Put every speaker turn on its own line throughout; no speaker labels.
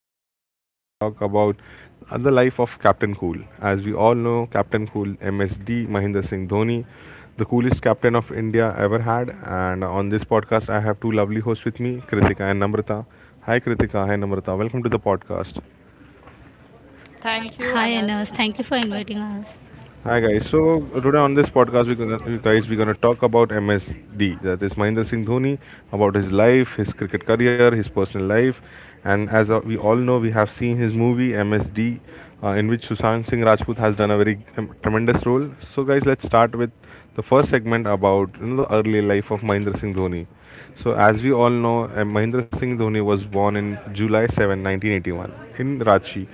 this podcast we're gonna talk about the life of Captain Cool. As we all know, Captain Cool, MSD, Mahendra Singh Dhoni, the coolest captain of India ever had. And on this podcast, I have two lovely hosts with me, Kritika and Namrata. Hi Kritika, hi Namrata. Welcome to the podcast.
Thank you,
Hi,
Anas.
Anas. Thank you for inviting us.
Hi guys. So today on this podcast, we're gonna talk about MSD. That is Mahendra Singh Dhoni, about his life, his cricket career, his personal life, and as we all know, we have seen his movie MSD, in which Sushant Singh Rajput has done a very tremendous role. So guys, let's start with the first segment about the early life of Mahendra Singh Dhoni. So, as we all know, Mahendra Singh Dhoni was born in July 7, 1981, in Ranchi,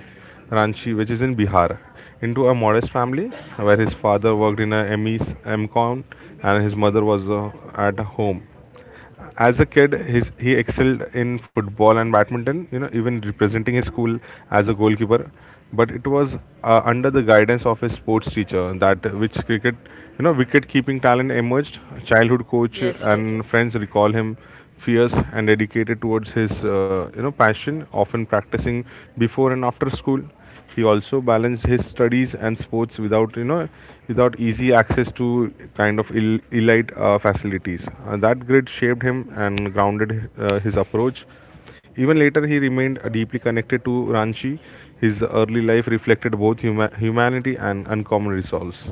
Ranchi, which is in Bihar, into a modest family where his father worked in a ME's MCON and his mother was at home. As a kid, he excelled in football and badminton, you know, even representing his school as a goalkeeper. But it was under the guidance of his sports teacher that which cricket, you know, wicket keeping talent emerged. Childhood coach
Yes, yes,
and friends recall him fierce and dedicated towards his passion, often practicing before and after school. He also balanced his studies and sports without, you know, without easy access to kind of elite facilities. That grit shaped him and grounded his approach. Even later, he remained deeply connected to Ranchi. His early life reflected both humanity and uncommon resolves.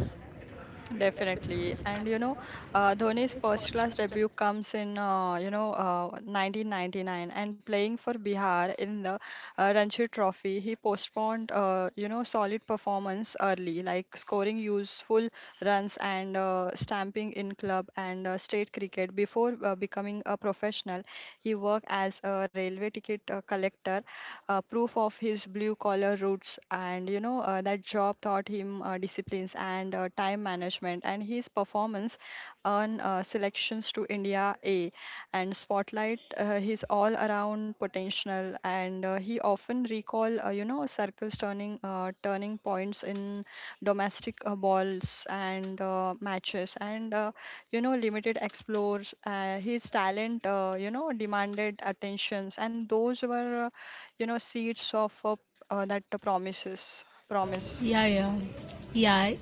definitely. And Dhoni's first class debut comes in, 1999, and playing for Bihar in the Ranji Trophy. He postponed, solid performance early, like scoring useful runs and stamping in club and state cricket. Before becoming a professional, he worked as a railway ticket collector, proof of his blue collar roots projects. And that job taught him disciplines and time management, and his performance earned selections to India A and spotlight his all around potential. And he often recall, circles turning, turning points in domestic balls and matches, and limited explores his talent, demanded attentions, and those were, seeds of, that promise.
Yeah, yeah. Yeah,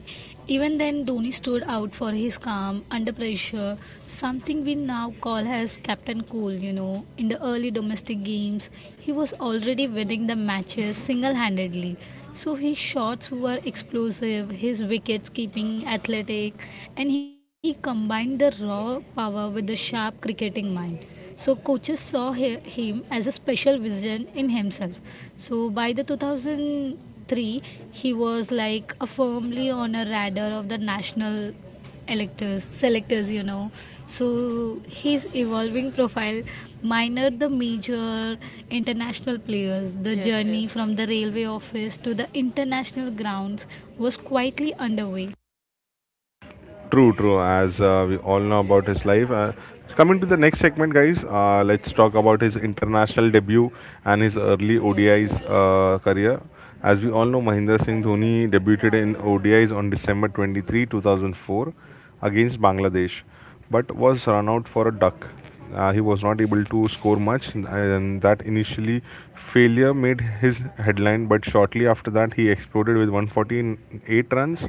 Even then, Dhoni stood out for his calm under pressure, something we now call as Captain Cool. You know, in the early domestic games, he was already winning the matches single handedly. So his shots were explosive, his wickets keeping athletic, and he combined the raw power with the sharp cricketing mind. So coaches saw him as a special vision in himself. So by the 2003, he was like a firmly on a radar of the national selectors, you know. So his evolving profile minered the major international players. The
Yes,
journey
yes,
from the railway office to the international grounds was quietly underway.
True, true. As we all know about his life. So coming to the next segment, guys, let's talk about his international debut and his early
yes,
ODIs
yes.
career. As we all know, Mahendra Singh Dhoni debuted in ODIs on December 23, 2004, against Bangladesh but was run out for a duck. He was not able to score much, and that initially failure made his headline. But shortly after that, he exploded with 148 runs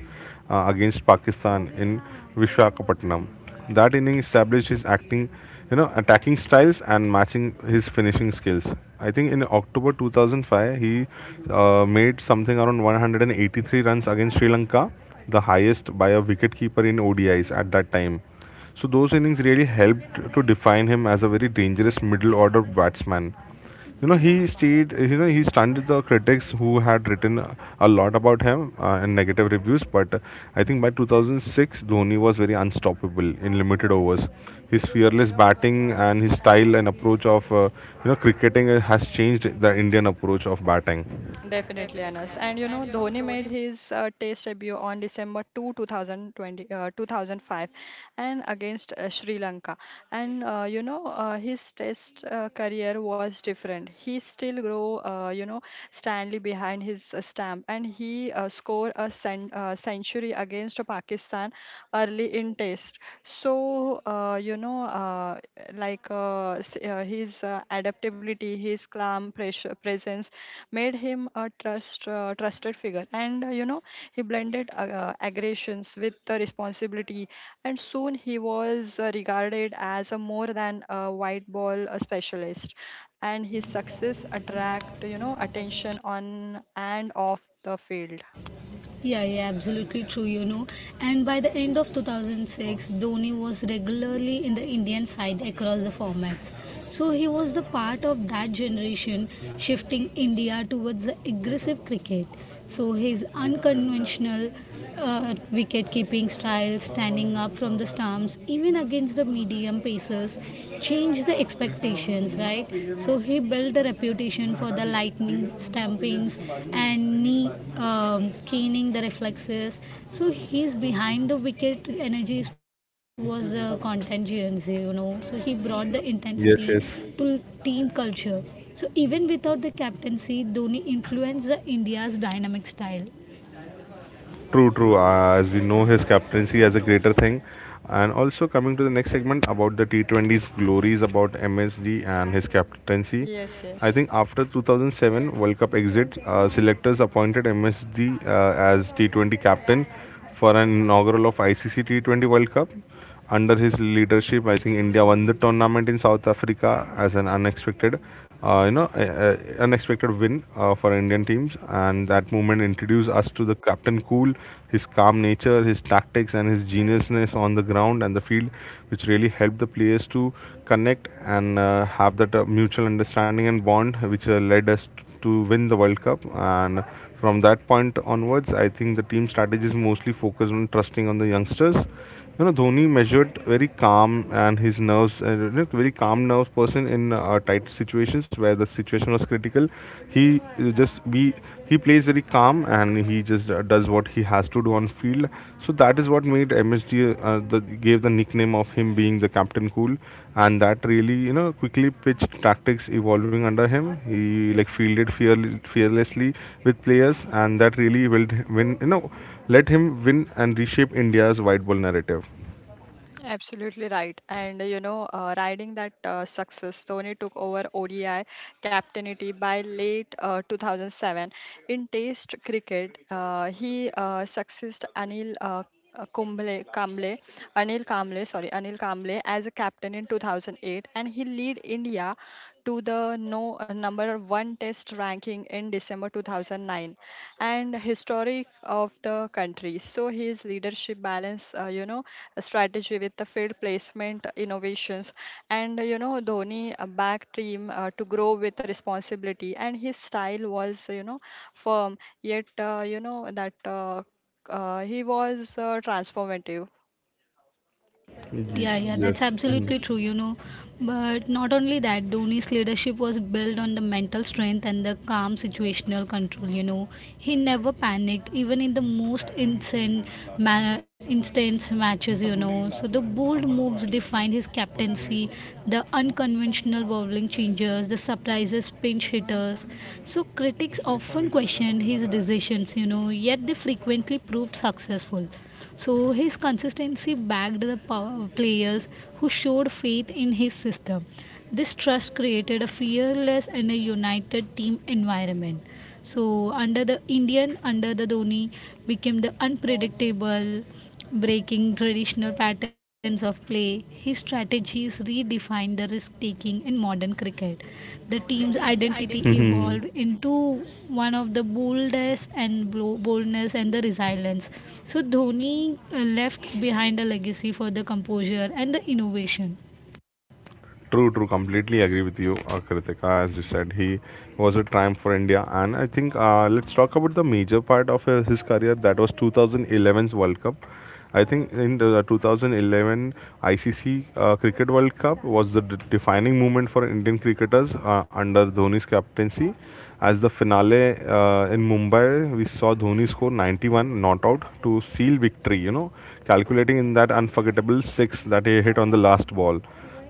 against Pakistan in Vishakhapatnam. That inning established his acting, you know, attacking styles and matching his finishing skills. I think in October 2005, he made something around 183 runs against Sri Lanka, the highest by a wicketkeeper in ODIs at that time. So those innings really helped to define him as a very dangerous middle order batsman. You know, he stayed. You know, he stunned the critics who had written a lot about him and negative reviews. But I think by 2006, Dhoni was very unstoppable in limited overs. His fearless batting and his style and approach of you know cricketing has changed the Indian approach of batting.
Definitely, Anas. And Dhoni made his test debut on December 2nd, 2 2020 uh, 2005, and against Sri Lanka. And his test career was different. He still grow, Stanley, behind his stamp, and he scored a century against Pakistan early in test. So, his adaptability, his calm presence made him a trusted figure. And, he blended, aggressions with the responsibility, and soon he was regarded as a more than a white ball specialist. And his success attract, attention on and off the field.
Yeah, yeah, absolutely true, you know. And by the end of 2006, Dhoni was regularly in the Indian side across the formats. So he was the part of that generation shifting India towards the aggressive cricket. So his unconventional wicket keeping style, standing up from the stumps, even against the medium pacers, change the expectations, right? So he built the reputation for the lightning stampings and knee caning the reflexes. So he's behind the wicket energies was contagious, you know. So he brought the intensity
Yes, yes.
to team culture. So even without the captaincy, Dhoni influenced the India's dynamic style.
True, true. As we know his captaincy as a greater thing. And also coming to the next segment about the T20's glories about MSG and his captaincy.
Yes,
I
yes.
think after 2007 World Cup exit, selectors appointed MSG as T20 captain for an inaugural of ICC T20 World Cup under his leadership, I think India won the tournament in South Africa as an unexpected, uh, you know a, unexpected win for Indian teams. And that moment introduced us to the Captain Cool, his calm nature, his tactics, and his geniusness on the ground and the field, which really helped the players to connect and have that mutual understanding and bond, which led us to win the World Cup. And from that point onwards, I think the team strategy is mostly focused on trusting on the youngsters. You know, Dhoni measured very calm and his nerves, very calm nerves person in tight situations where the situation was critical. He just be He plays very calm and he just does what he has to do on field. So that is what made MSG, uh, the, gave the nickname of him being the Captain Cool, and that really, you know, quickly pitched tactics evolving under him. He like fielded fearlessly with players, and that really will win, you know, let him win and reshape India's white ball narrative.
Absolutely right. And, riding that success, Dhoni took over ODI captainity by late 2007. In Test cricket, he succeeded Anil, Kumble, Kamble, Anil Kamble, sorry, Anil Kamble as a captain in 2008, and he lead India to the no number one Test ranking in December 2009, and historic of the country. So his leadership balance, strategy with the field placement innovations, and Dhoni backed team to grow with responsibility, and his style was, firm yet, you know that he was transformative.
Yeah, yeah, that's
Yeah,
absolutely true,
yes.
you know. But not only that, Dhoni's leadership was built on the mental strength and the calm situational control, you know. He never panicked, even in the most instance matches, you know. So the bold moves defined his captaincy, the unconventional bowling changes, the surprises pinch hitters. So critics often questioned his decisions, you know, yet they frequently proved successful. So his consistency backed the power players who showed faith in his system. This trust created a fearless and a united team environment. So under the Dhoni became the unpredictable, breaking traditional patterns of play. His strategies redefined the risk taking in modern cricket, the team's identity
Hmm.
evolved into one of the boldness and the resilience. So Dhoni left behind a legacy for the composure and the innovation.
True, true. Completely agree with you, Kritika. As you said, he was a triumph for India, and I think let's talk about the major part of his career. That was 2011's World Cup. I think in the 2011 ICC Cricket World Cup was the defining moment for Indian cricketers under Dhoni's captaincy. As the finale in Mumbai, we saw Dhoni score 91 not out to seal victory. You know, calculating in that unforgettable six that he hit on the last ball.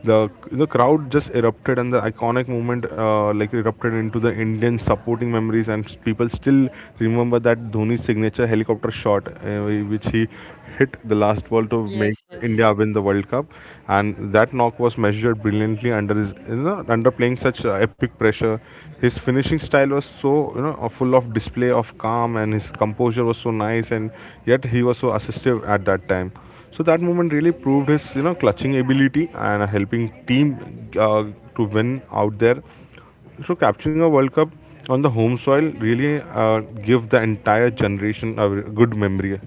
The crowd just erupted, and the iconic moment like erupted into the Indian supporting memories, and people still remember that Dhoni's signature helicopter shot, which he hit the last ball to make
Yes, yes.
India win the World Cup, and that knock was measured brilliantly under his, you know, under playing such epic pressure. His finishing style was so, you know, full of display of calm, and his composure was so nice, and yet he was so assistive at that time. So that moment really proved his, you know, clutching ability and helping team uh, to win out there. So capturing a World Cup on the home soil really give the entire generation a good memory.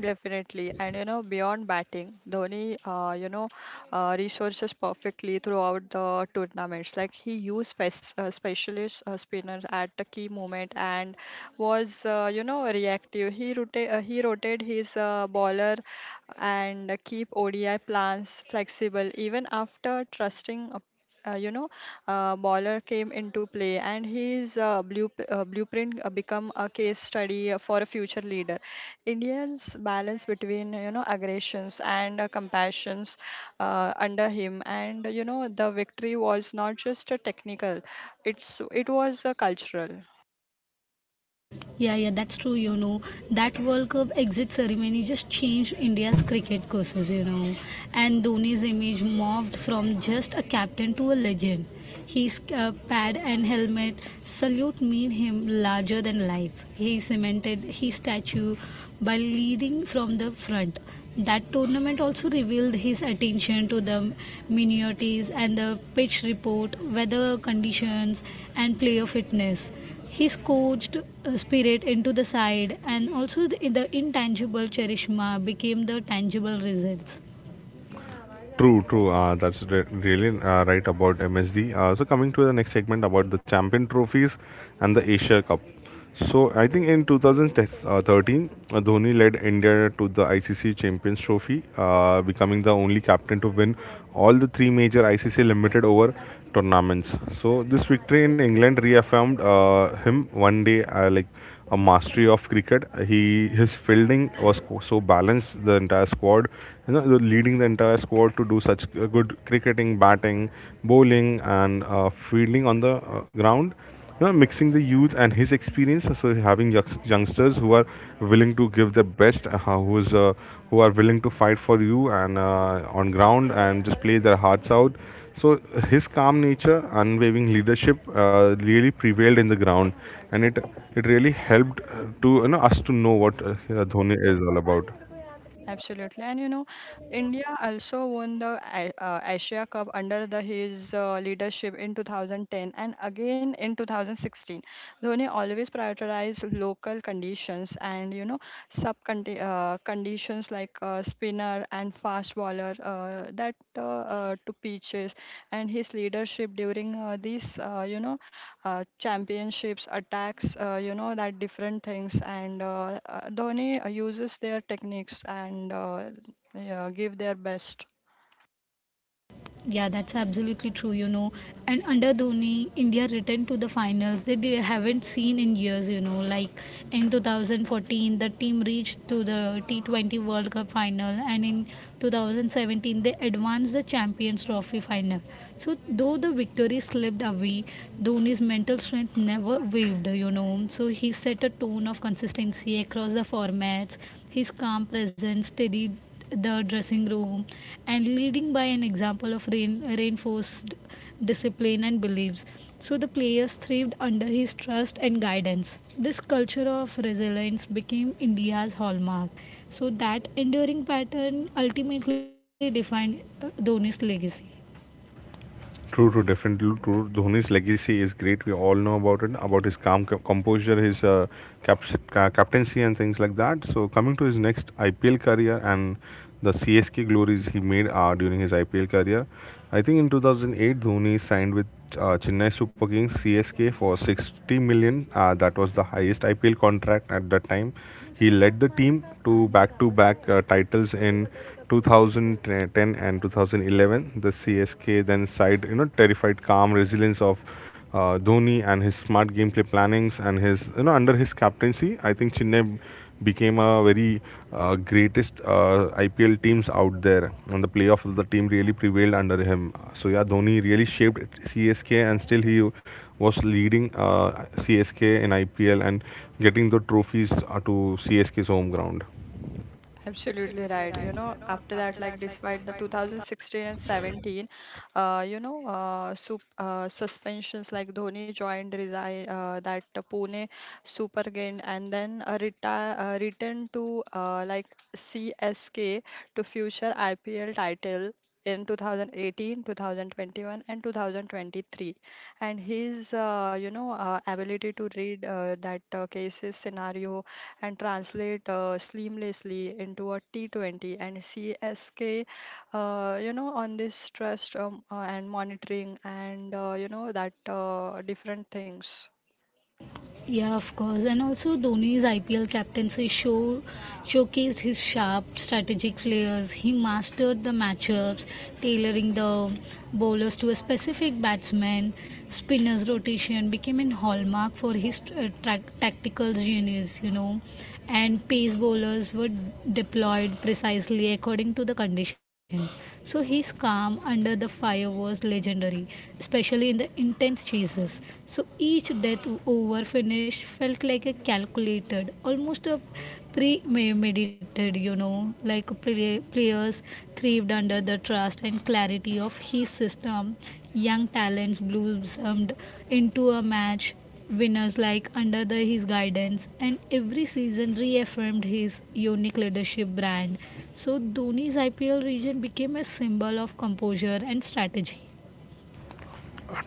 Definitely. And, beyond batting, Dhoni, resources perfectly throughout the tournaments. Like he used, specialist spinners at the key moment and was, reactive. He rotated his bowler and keep ODI plans flexible even after trusting. Uh, you know, Bowler came into play, and his, blueprint become a case study for a future leader. Indians balance between, aggressions and compassions under him, and the victory was not just a technical; it was a cultural.
Yeah, yeah, that's true. You know, that World Cup exit ceremony just changed India's cricket courses, you know. And Dhoni's image morphed from just a captain to a legend. His pad and helmet salute made him larger than life. He cemented his statue by leading from the front. That tournament also revealed his attention to the minorities and the pitch report, weather conditions, and player fitness. He's coached Spirit into the side, and also the intangible Charishma became the tangible results.
True, true. That's really right about MSD. So coming to the next segment about the Champion Trophies and the Asia Cup. So I think in 2013, Dhoni led India to the ICC Champions Trophy, becoming the only captain to win all the three major ICC limited over tournaments. So this victory in England reaffirmed him one day like a mastery of cricket. He his fielding was so balanced the entire squad, you know, leading the entire squad to do such good cricketing, batting, bowling, and fielding on the ground. You know, mixing the youth and his experience, so having youngsters who are willing to give their best, who is uh, who are willing to fight for you and on ground and just play their hearts out. So his calm nature, unwavering leadership, really prevailed in the ground, and it really helped to, you know, us to know what Dhoni is all about.
Absolutely, and, India also won the Asia Cup under the his leadership in 2010 and again in 2016. Dhoni always prioritized local conditions and, you know sub conditions like spinner and fast bowler, that to pitches, and his leadership during these, championships, attacks, that different things. And Dhoni uses their techniques and, yeah, give their best.
Yeah, that's absolutely true, you know. And under Dhoni, India returned to the finals that they haven't seen in years, you know. Like in 2014, the team reached to the T20 World Cup final, and in 2017, they advanced the Champions Trophy final. So, though the victory slipped away, Dhoni's mental strength never wavered, you know. So, he set a tone of consistency across the formats. His calm presence, steady the dressing room and leading by an example of reinforced discipline and beliefs. So the players thrived under his trust and guidance. This culture of resilience became India's hallmark. So that enduring pattern ultimately defined Dhoni's legacy.
True, true, definitely true. Dhoni's legacy is great. We all know about it, about his calm composure, his cap- captaincy, and things like that. So coming to his next IPL career and the CSK glories he made are during his IPL career. I think in 2008, Dhoni signed with Chennai Super Kings CSK for 60 million. That was the highest IPL contract at that time. He led the team to back-to-back titles in 2010 and 2011. The CSK then side, you know, terrified calm resilience of Dhoni and his smart gameplay plannings and his, you know, under his captaincy, I think Chennai became a very greatest IPL teams out there, and the playoff of the team really prevailed under him. So yeah, Dhoni really shaped CSK, and still he was leading CSK in IPL and getting the trophies to CSK's home ground.
Absolutely right. After that, like despite the 2016 and 17, you know, sup suspensions, like Dhoni joined resign that Pune Super Game, and then retire returned to, CSK, to future IPL title in 2018, 2021, and 2023. And his, ability to read that cases scenario and translate seamlessly into a T20 and CSK, on this trust, and monitoring, and, that different things.
Yeah, of course. And also Dhoni's IPL captaincy showcased his sharp strategic players. He mastered the matchups, tailoring the bowlers to a specific batsman. Spinner's rotation became a hallmark for his tactical genius, you know, and pace bowlers were deployed precisely according to the condition. So his calm under the fire was legendary, especially in the intense chases. So each death over finish felt like a calculated, almost a premeditated, you know, like players thrived under the trust and clarity of his system. Young talents blossomed into a match winners like under his guidance, and every season reaffirmed his unique leadership brand. So Dhoni's IPL region became a symbol of composure and strategy.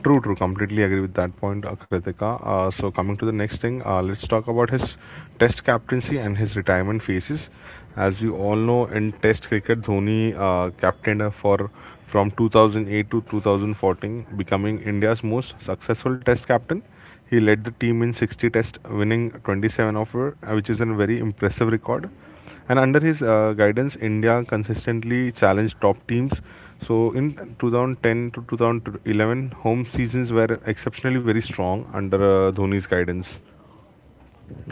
True, true. Completely agree with that point, Kritika. So coming to the next thing, let's talk about his Test captaincy and his retirement phases. As we all know, in Test cricket, Dhoni captained for from 2008 to 2014, becoming India's most successful Test captain. He led the team in 60 Tests, winning 27 of it, which is a very impressive record. And under his guidance, India consistently challenged top teams. So in 2010 to 2011, home seasons were exceptionally very strong under Dhoni's guidance.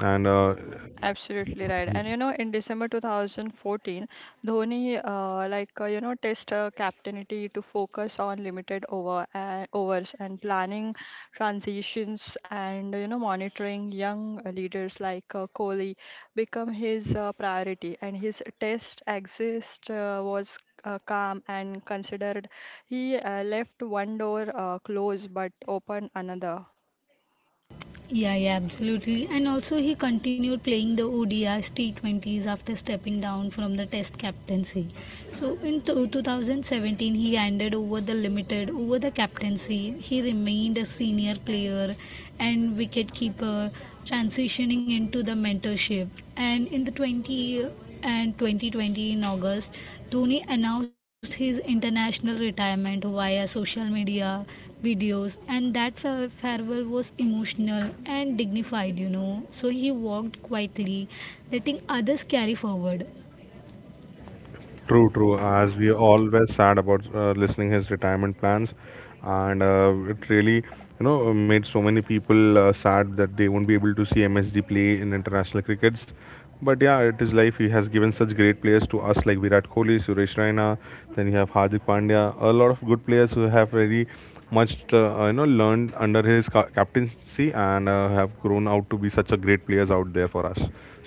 And
Absolutely right. And, in December 2014, Dhoni, test captainity to focus on limited over overs, and planning transitions, and monitoring young leaders like Kohli become his priority. And his test exist was calm and considered. He left one door closed but opened another.
Yeah, yeah, absolutely. And also, he continued playing the ODIs, T20s after stepping down from the Test captaincy. So, in 2017, he handed over the limited over the captaincy. He remained a senior player and wicketkeeper, transitioning into the mentorship. And in the 20 and 2020 in August, Dhoni announced his international retirement via social media videos, and that farewell was emotional and dignified, you know. So he walked quietly, letting others carry forward.
True, true. As we are always sad about listening his retirement plans, and it really, you know, made so many people sad that they won't be able to see MSD play in international crickets. But yeah, it is life. He has given such great players to us like Virat Kohli, Suresh Raina. Then you have Hardik Pandya. A lot of good players who have very much, learned under his captaincy and have grown out to be such a great players out there for us.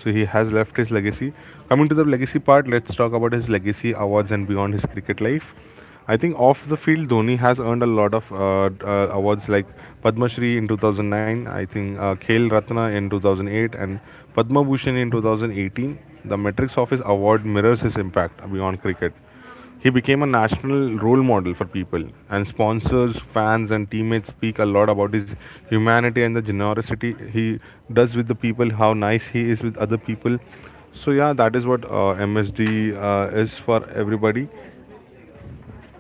So he has left his legacy. Coming to the legacy part, let's talk about his legacy awards and beyond his cricket life. I think off the field, Dhoni has earned a lot of awards like Padma Shri in 2009, I think Khel Ratna in 2008, and Padma Bhushan in 2018. The metrics of his award mirrors his impact beyond cricket. He became a national role model for people, and sponsors, fans, and teammates speak a lot about his humanity and the generosity he does with the people, how nice he is with other people. So, yeah, that is what MSD is for everybody.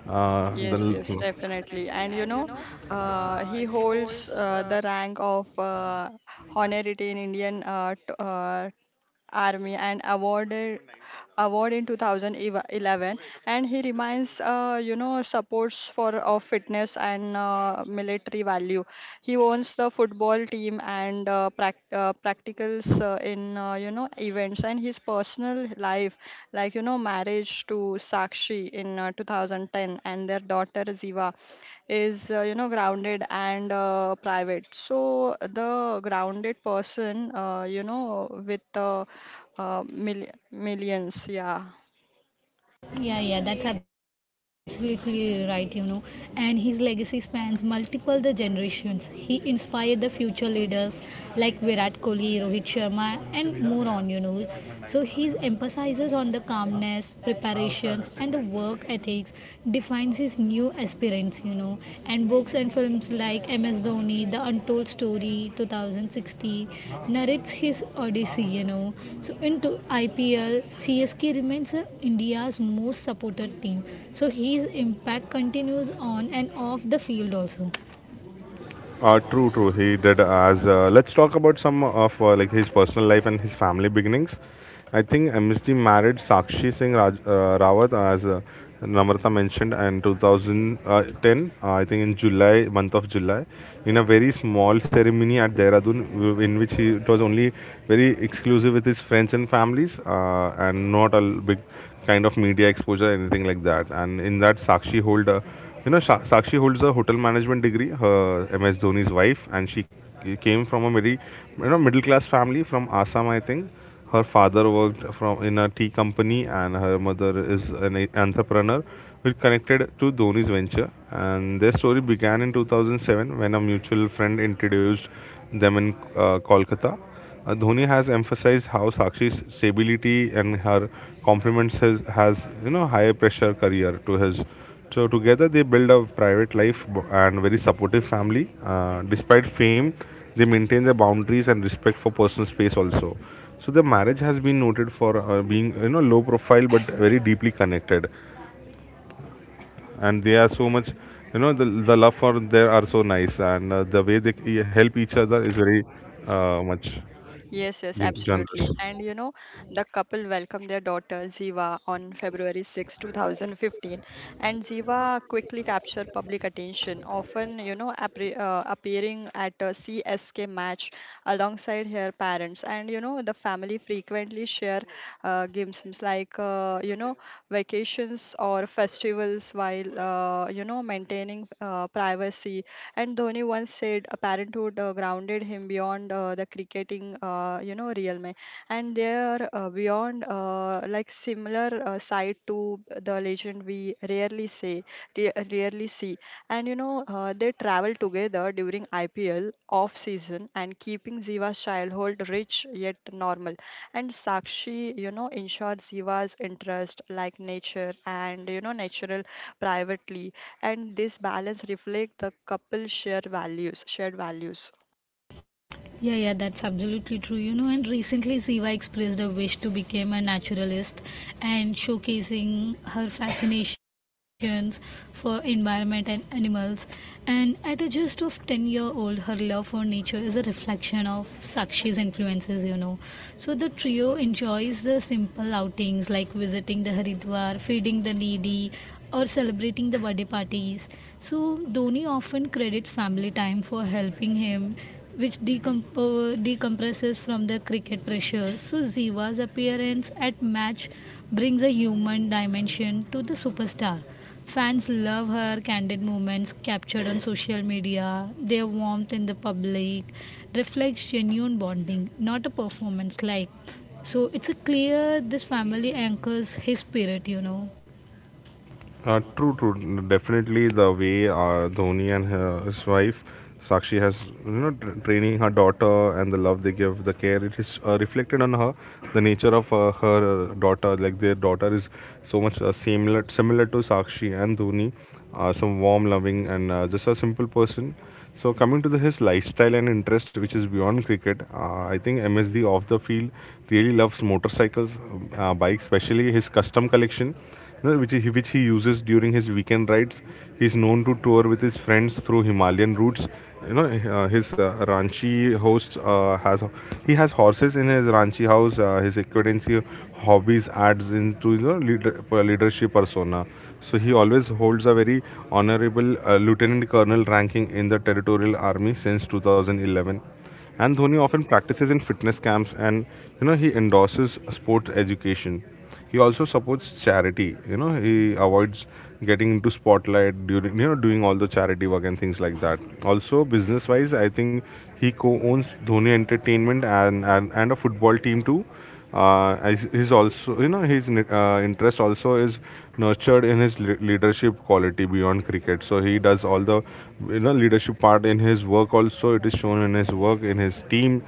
The
Yes,
Yes,
yes, definitely.
yes.
And, he holds the rank of honorary in Indian Army, and awarded award in 2011, and he remains, supports for of fitness and military value. He owns the football team and practicals in, events, and his personal life, like, marriage to Sakshi in 2010, and their daughter Ziva is, grounded and private. So the grounded person, you know with mil- millions. Yeah.
Yeah, yeah, that's absolutely right, you know. And his legacy spans multiple the generations. He inspired the future leaders like Virat Kohli, Rohit Sharma, and more on, you know. So his emphasizes on the calmness, preparations, and the work ethics, defines his attracts new aspirants, you know. And books and films like MS Dhoni, The Untold Story 2060 narrates his odyssey, you know. So into IPL, CSK remains India's most supported team. So his impact continues on and off the field also.
True, true. He did as. Let's talk about some of like his personal life and his family beginnings. I think MSG married Sakshi Singh Raj, Rawat, as Namrata mentioned, in 2010. I think in July, month of July, in a very small ceremony at Dehradun, in which he it was only very exclusive with his friends and families, and not a big kind of media exposure, anything like that. And in that, Sakshi holds a hotel management degree. Her MS Dhoni's wife, and she came from a very, you know, middle class family from Assam, I think. Her father worked from in a tea company, and her mother is an e- entrepreneur, which connected to Dhoni's venture. And their story began in 2007 when a mutual friend introduced them in Kolkata. Dhoni has emphasized how Sakshi's stability and her compliments his has you know, high pressure career to his. So together they build a private life and very supportive family. Despite fame, they maintain their boundaries and respect for personal space also. So the marriage has been noted for being, you know, low profile but very deeply connected, and they are so much, you know, the love for there are so nice, and the way they help each other is very much
Yes, yes,
generous.
absolutely. And, the couple welcomed their daughter Ziva on February 6, 2015, and Ziva quickly captured public attention, often, you know, appre appearing at a CSK match alongside her parents. And, the family frequently share games, like, vacations or festivals, while, maintaining privacy. And Dhoni once said, "A parenthood grounded him beyond the cricketing, realm." And there, beyond, similar side to the legend, we rarely say, rarely see. And, they travel together during IPL off season and keeping Ziva's childhood rich yet normal. And Sakshi, ensures Ziva's interest, like nature and, natural, privately, and this balance reflects the couple's shared values.
Yeah, yeah, that's absolutely true. You know, and recently Siva expressed a wish to become a naturalist and showcasing her fascinations for environment and animals. And at a just of 10-year-old, her love for nature is a reflection of Sakshi's influences, you know. So the trio enjoys the simple outings like visiting the Haridwar, feeding the needy, or celebrating the birthday parties. So Dhoni often credits family time for helping him, which decompresses from the cricket pressure. So Ziva's appearance at match brings a human dimension to the superstar. Fans love her candid moments captured on social media, their warmth in the public reflects genuine bonding, not a performance like. So it's a clear this family anchors his spirit, you know.
True, true. Definitely, the way Dhoni and his wife Sakshi has, you know, training her daughter, and the love they give, the care, it is reflected on her. The nature of her daughter, like their daughter, is so much similar to Sakshi and Dhoni. Some warm, loving, and just a simple person. So coming to his lifestyle and interest, which is beyond cricket, I think MSD off the field really loves motorcycles, bikes, especially his custom collection, you know, which he uses during his weekend rides. He's known to tour with his friends through Himalayan routes. You know, his Ranchi host has he has horses in his Ranchi house. His equidancy hobbies adds into, you know, leadership persona. So he always holds a very honorable lieutenant colonel ranking in the territorial army since 2011. And Dhoni often practices in fitness camps and, you know, he endorses sports education. He also supports charity. You know, he avoids getting into spotlight during, you know, doing all the charity work and things like that. Also, business wise, I think he co-owns Dhoni Entertainment and a football team too. He's also, you know, his interest also is nurtured in his leadership quality beyond cricket. So he does all the, you know, leadership part in his work also. It is shown in his work in his team.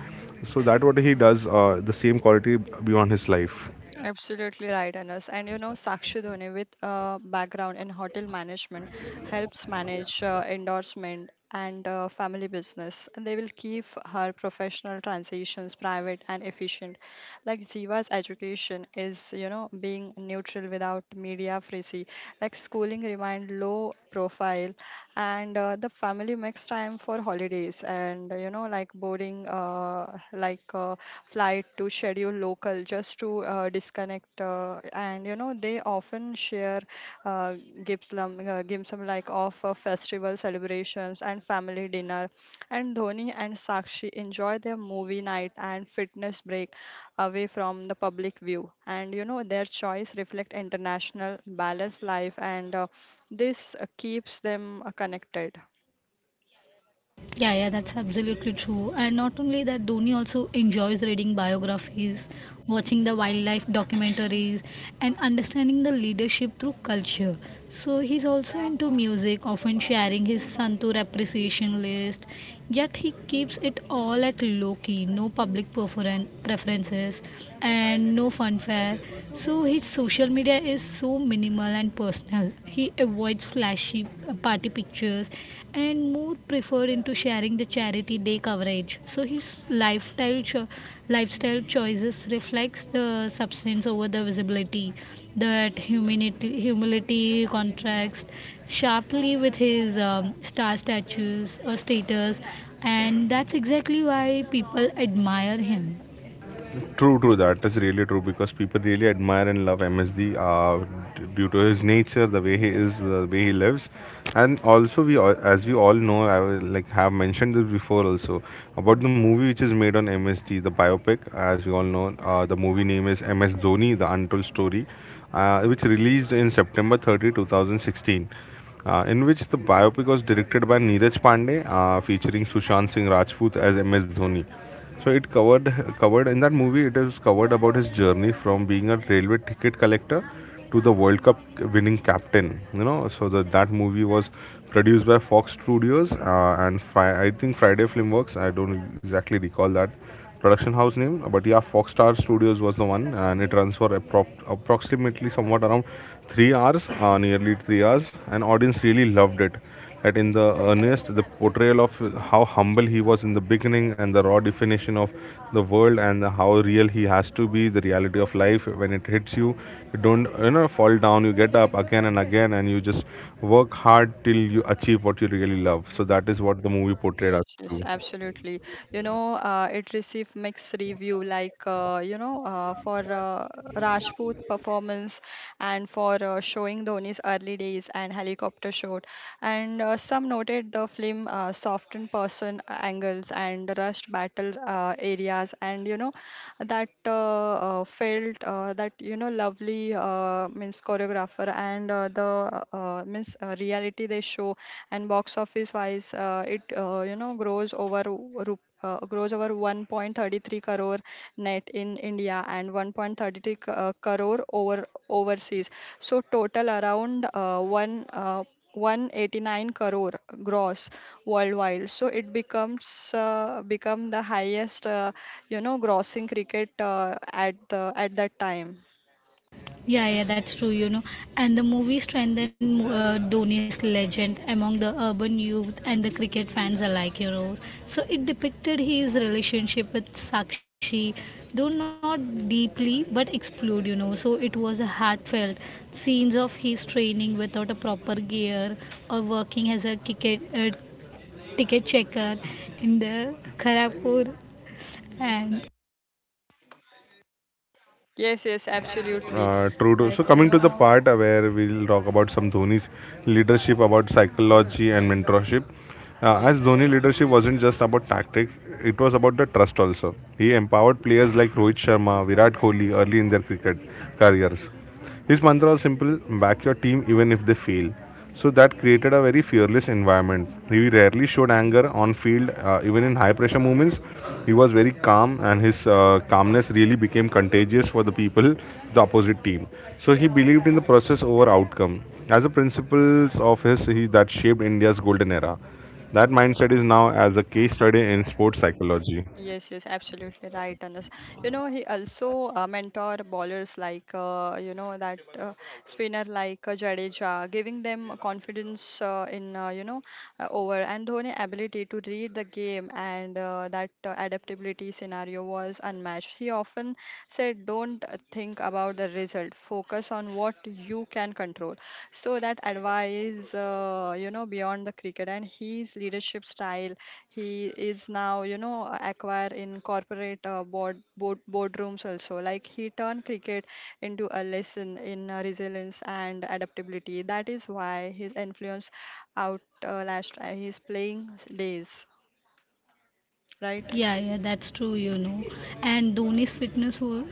So that what he does, the same quality beyond his life.
Absolutely right, Anas. And Sakshi Dhoni, with a background in hotel management, helps manage endorsement and family business, and they will keep her professional transitions private and efficient. Like Ziva's education is, being neutral without media frizzy, like schooling remained low profile. And the family makes time for holidays and, boarding, like uh, flight to schedule local, just to disconnect. Uh, and they often share, uh, gifts, like, of festival celebrations and family dinner. And Dhoni and Sakshi enjoy their movie night and fitness break away from the public view. And, their choice reflect international balanced life, and this keeps them connected.
Yeah, yeah, that's absolutely true. And not only that, Dhoni also enjoys reading biographies, watching the wildlife documentaries, and understanding the leadership through culture. So he's also into music, often sharing his Santur appreciation list. Yet he keeps it all at low key, no public preferences and no funfare. So his social media is so minimal and personal. He avoids flashy party pictures and more preferred into sharing the charity day coverage. So his lifestyle choices reflects the substance over the visibility that humility contrasts sharply with his star statues or status, and that's exactly why people admire him.
True, true. That is really true because people really admire and love MSD due to his nature, the way he is, the way he lives. And also we, all, as we all know, I will, like, have mentioned this before also about the movie which is made on MSD, the biopic. As we all know, the movie name is MS Dhoni: The Untold Story, which released in September 30, 2016, in which the biopic was directed by Neeraj Pandey, featuring Sushant Singh Rajput as MS Dhoni. So it covered covered in that movie. It is covered about his journey from being a railway ticket collector to the World Cup winning captain. You know, so that movie was produced by Fox Studios and, I think, Friday Filmworks. I don't exactly recall that production house name, but yeah, foxstar studios was the one, and it runs for approximately somewhat around 3 hours, nearly 3 hours, and audience really loved it. That in the earnest, the portrayal of how humble he was in the beginning, and the raw definition of the world, and how real he has to be, the reality of life when it hits you, you don't, you know, fall down, you get up again and again, and you just work hard till you achieve what you really love. So that is what the movie portrayed
Yes,
us
yes,
to.
absolutely. It received mixed review, like, for Rajput performance, and for showing Dhoni's early days and helicopter shot. And some noted the film softened person angles and rushed battle areas, and, you know, that felt, lovely means choreographer and the means reality they show. And box office wise, it, grows over, grows over 1.33 crore net in India, and 1.33 crore over overseas, so total around 1, 189 crore gross worldwide. So it becomes become the highest, grossing cricket at that time.
Yeah, yeah, that's true, you know. And the movie strengthened Dhoni's legend among the urban youth and the cricket fans alike, you know. So it depicted his relationship with Sakshi, though not deeply, but explored, you know. So it was a heartfelt scenes of his training without a proper gear or working as a ticket checker in the Kharagpur and
Yes, yes, absolutely,
True, true.
like,
So coming to the part where we'll talk about some Dhoni's leadership, about psychology and mentorship. As
yes,
Dhoni
yes.
leadership wasn't just about tactics, it was about the trust also. He empowered players like Rohit Sharma, Virat Kohli, early in their cricket careers. His mantra was simple: back your team even if they fail. So that created a very fearless environment. He rarely showed anger on field, even in high pressure moments. He was very calm, and his calmness really became contagious for the people, the opposite team. So he believed in the process over outcome. As a principles of his, that shaped India's golden era. That mindset is now as a case study in sports psychology.
Yes, yes, absolutely right, Anas. He also mentor bowlers like, you know, that spinner like Jadeja, giving them confidence, over. And Dhoni ability to read the game and, that adaptability scenario was unmatched. He often said, don't think about the result, focus on what you can control. So that advice, beyond the cricket, and his leadership style, he is now, acquire in corporate, boardrooms also, like he turned cricket into a lesson in resilience and adaptability. That is why his influence out last his playing days, right?
yeah, yeah, that's true, you know. And Dhoni's fitness wa-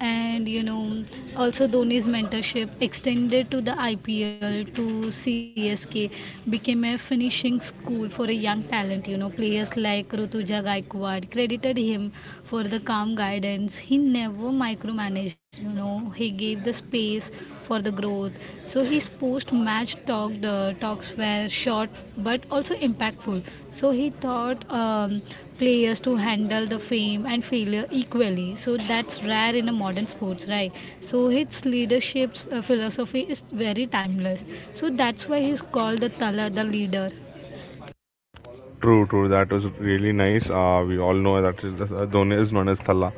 and you know also Dhoni's mentorship extended to the IPL to CSK became a finishing school for a young talent, you know. Players like Rutuja Gaikwad credited him for the calm guidance. He never micromanaged, you know, he gave the space for the growth. So his post match talks were short but also impactful. So he thought players to handle the fame and failure equally. So that's rare in a modern sports, right? So his leadership philosophy is very timeless. So that's why he's called the Tala, the leader.
True, true. That was really nice. We all know that Dhoni is known as Thalla,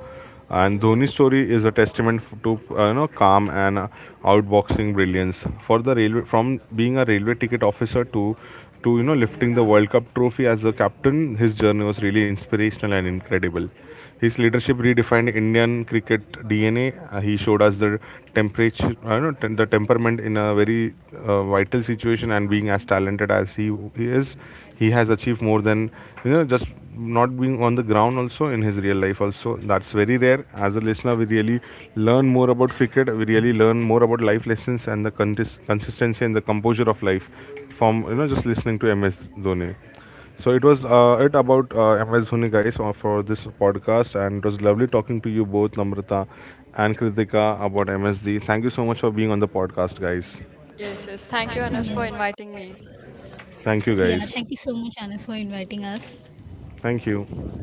and Dhoni's story is a testament to, you know, calm and outboxing brilliance. From being a railway ticket officer to, you know, lifting the World Cup trophy as a captain, his journey was really inspirational and incredible. His leadership redefined Indian cricket DNA. He showed us the temperature, I don't know, tem- the temperament in a very vital situation. And being as talented as he is, he has achieved more than, you know, just not being on the ground also, in his real life also. That's very rare. As a listener, we really learn more about cricket, we really learn more about life lessons, and the consistency and the composure of life from, you know, just listening to MS Dhoni. So it was, it about MS Dhoni, guys, for this podcast, and it was lovely talking to you both, Namrata and Kritika, about MSD. Thank you so much for being on the podcast, guys.
Yes, yes, thank you, Anas, for
Yeah.
inviting me.
Thank you,
Yeah.
guys.
Thank you so much, Anas, for inviting us.
Thank you.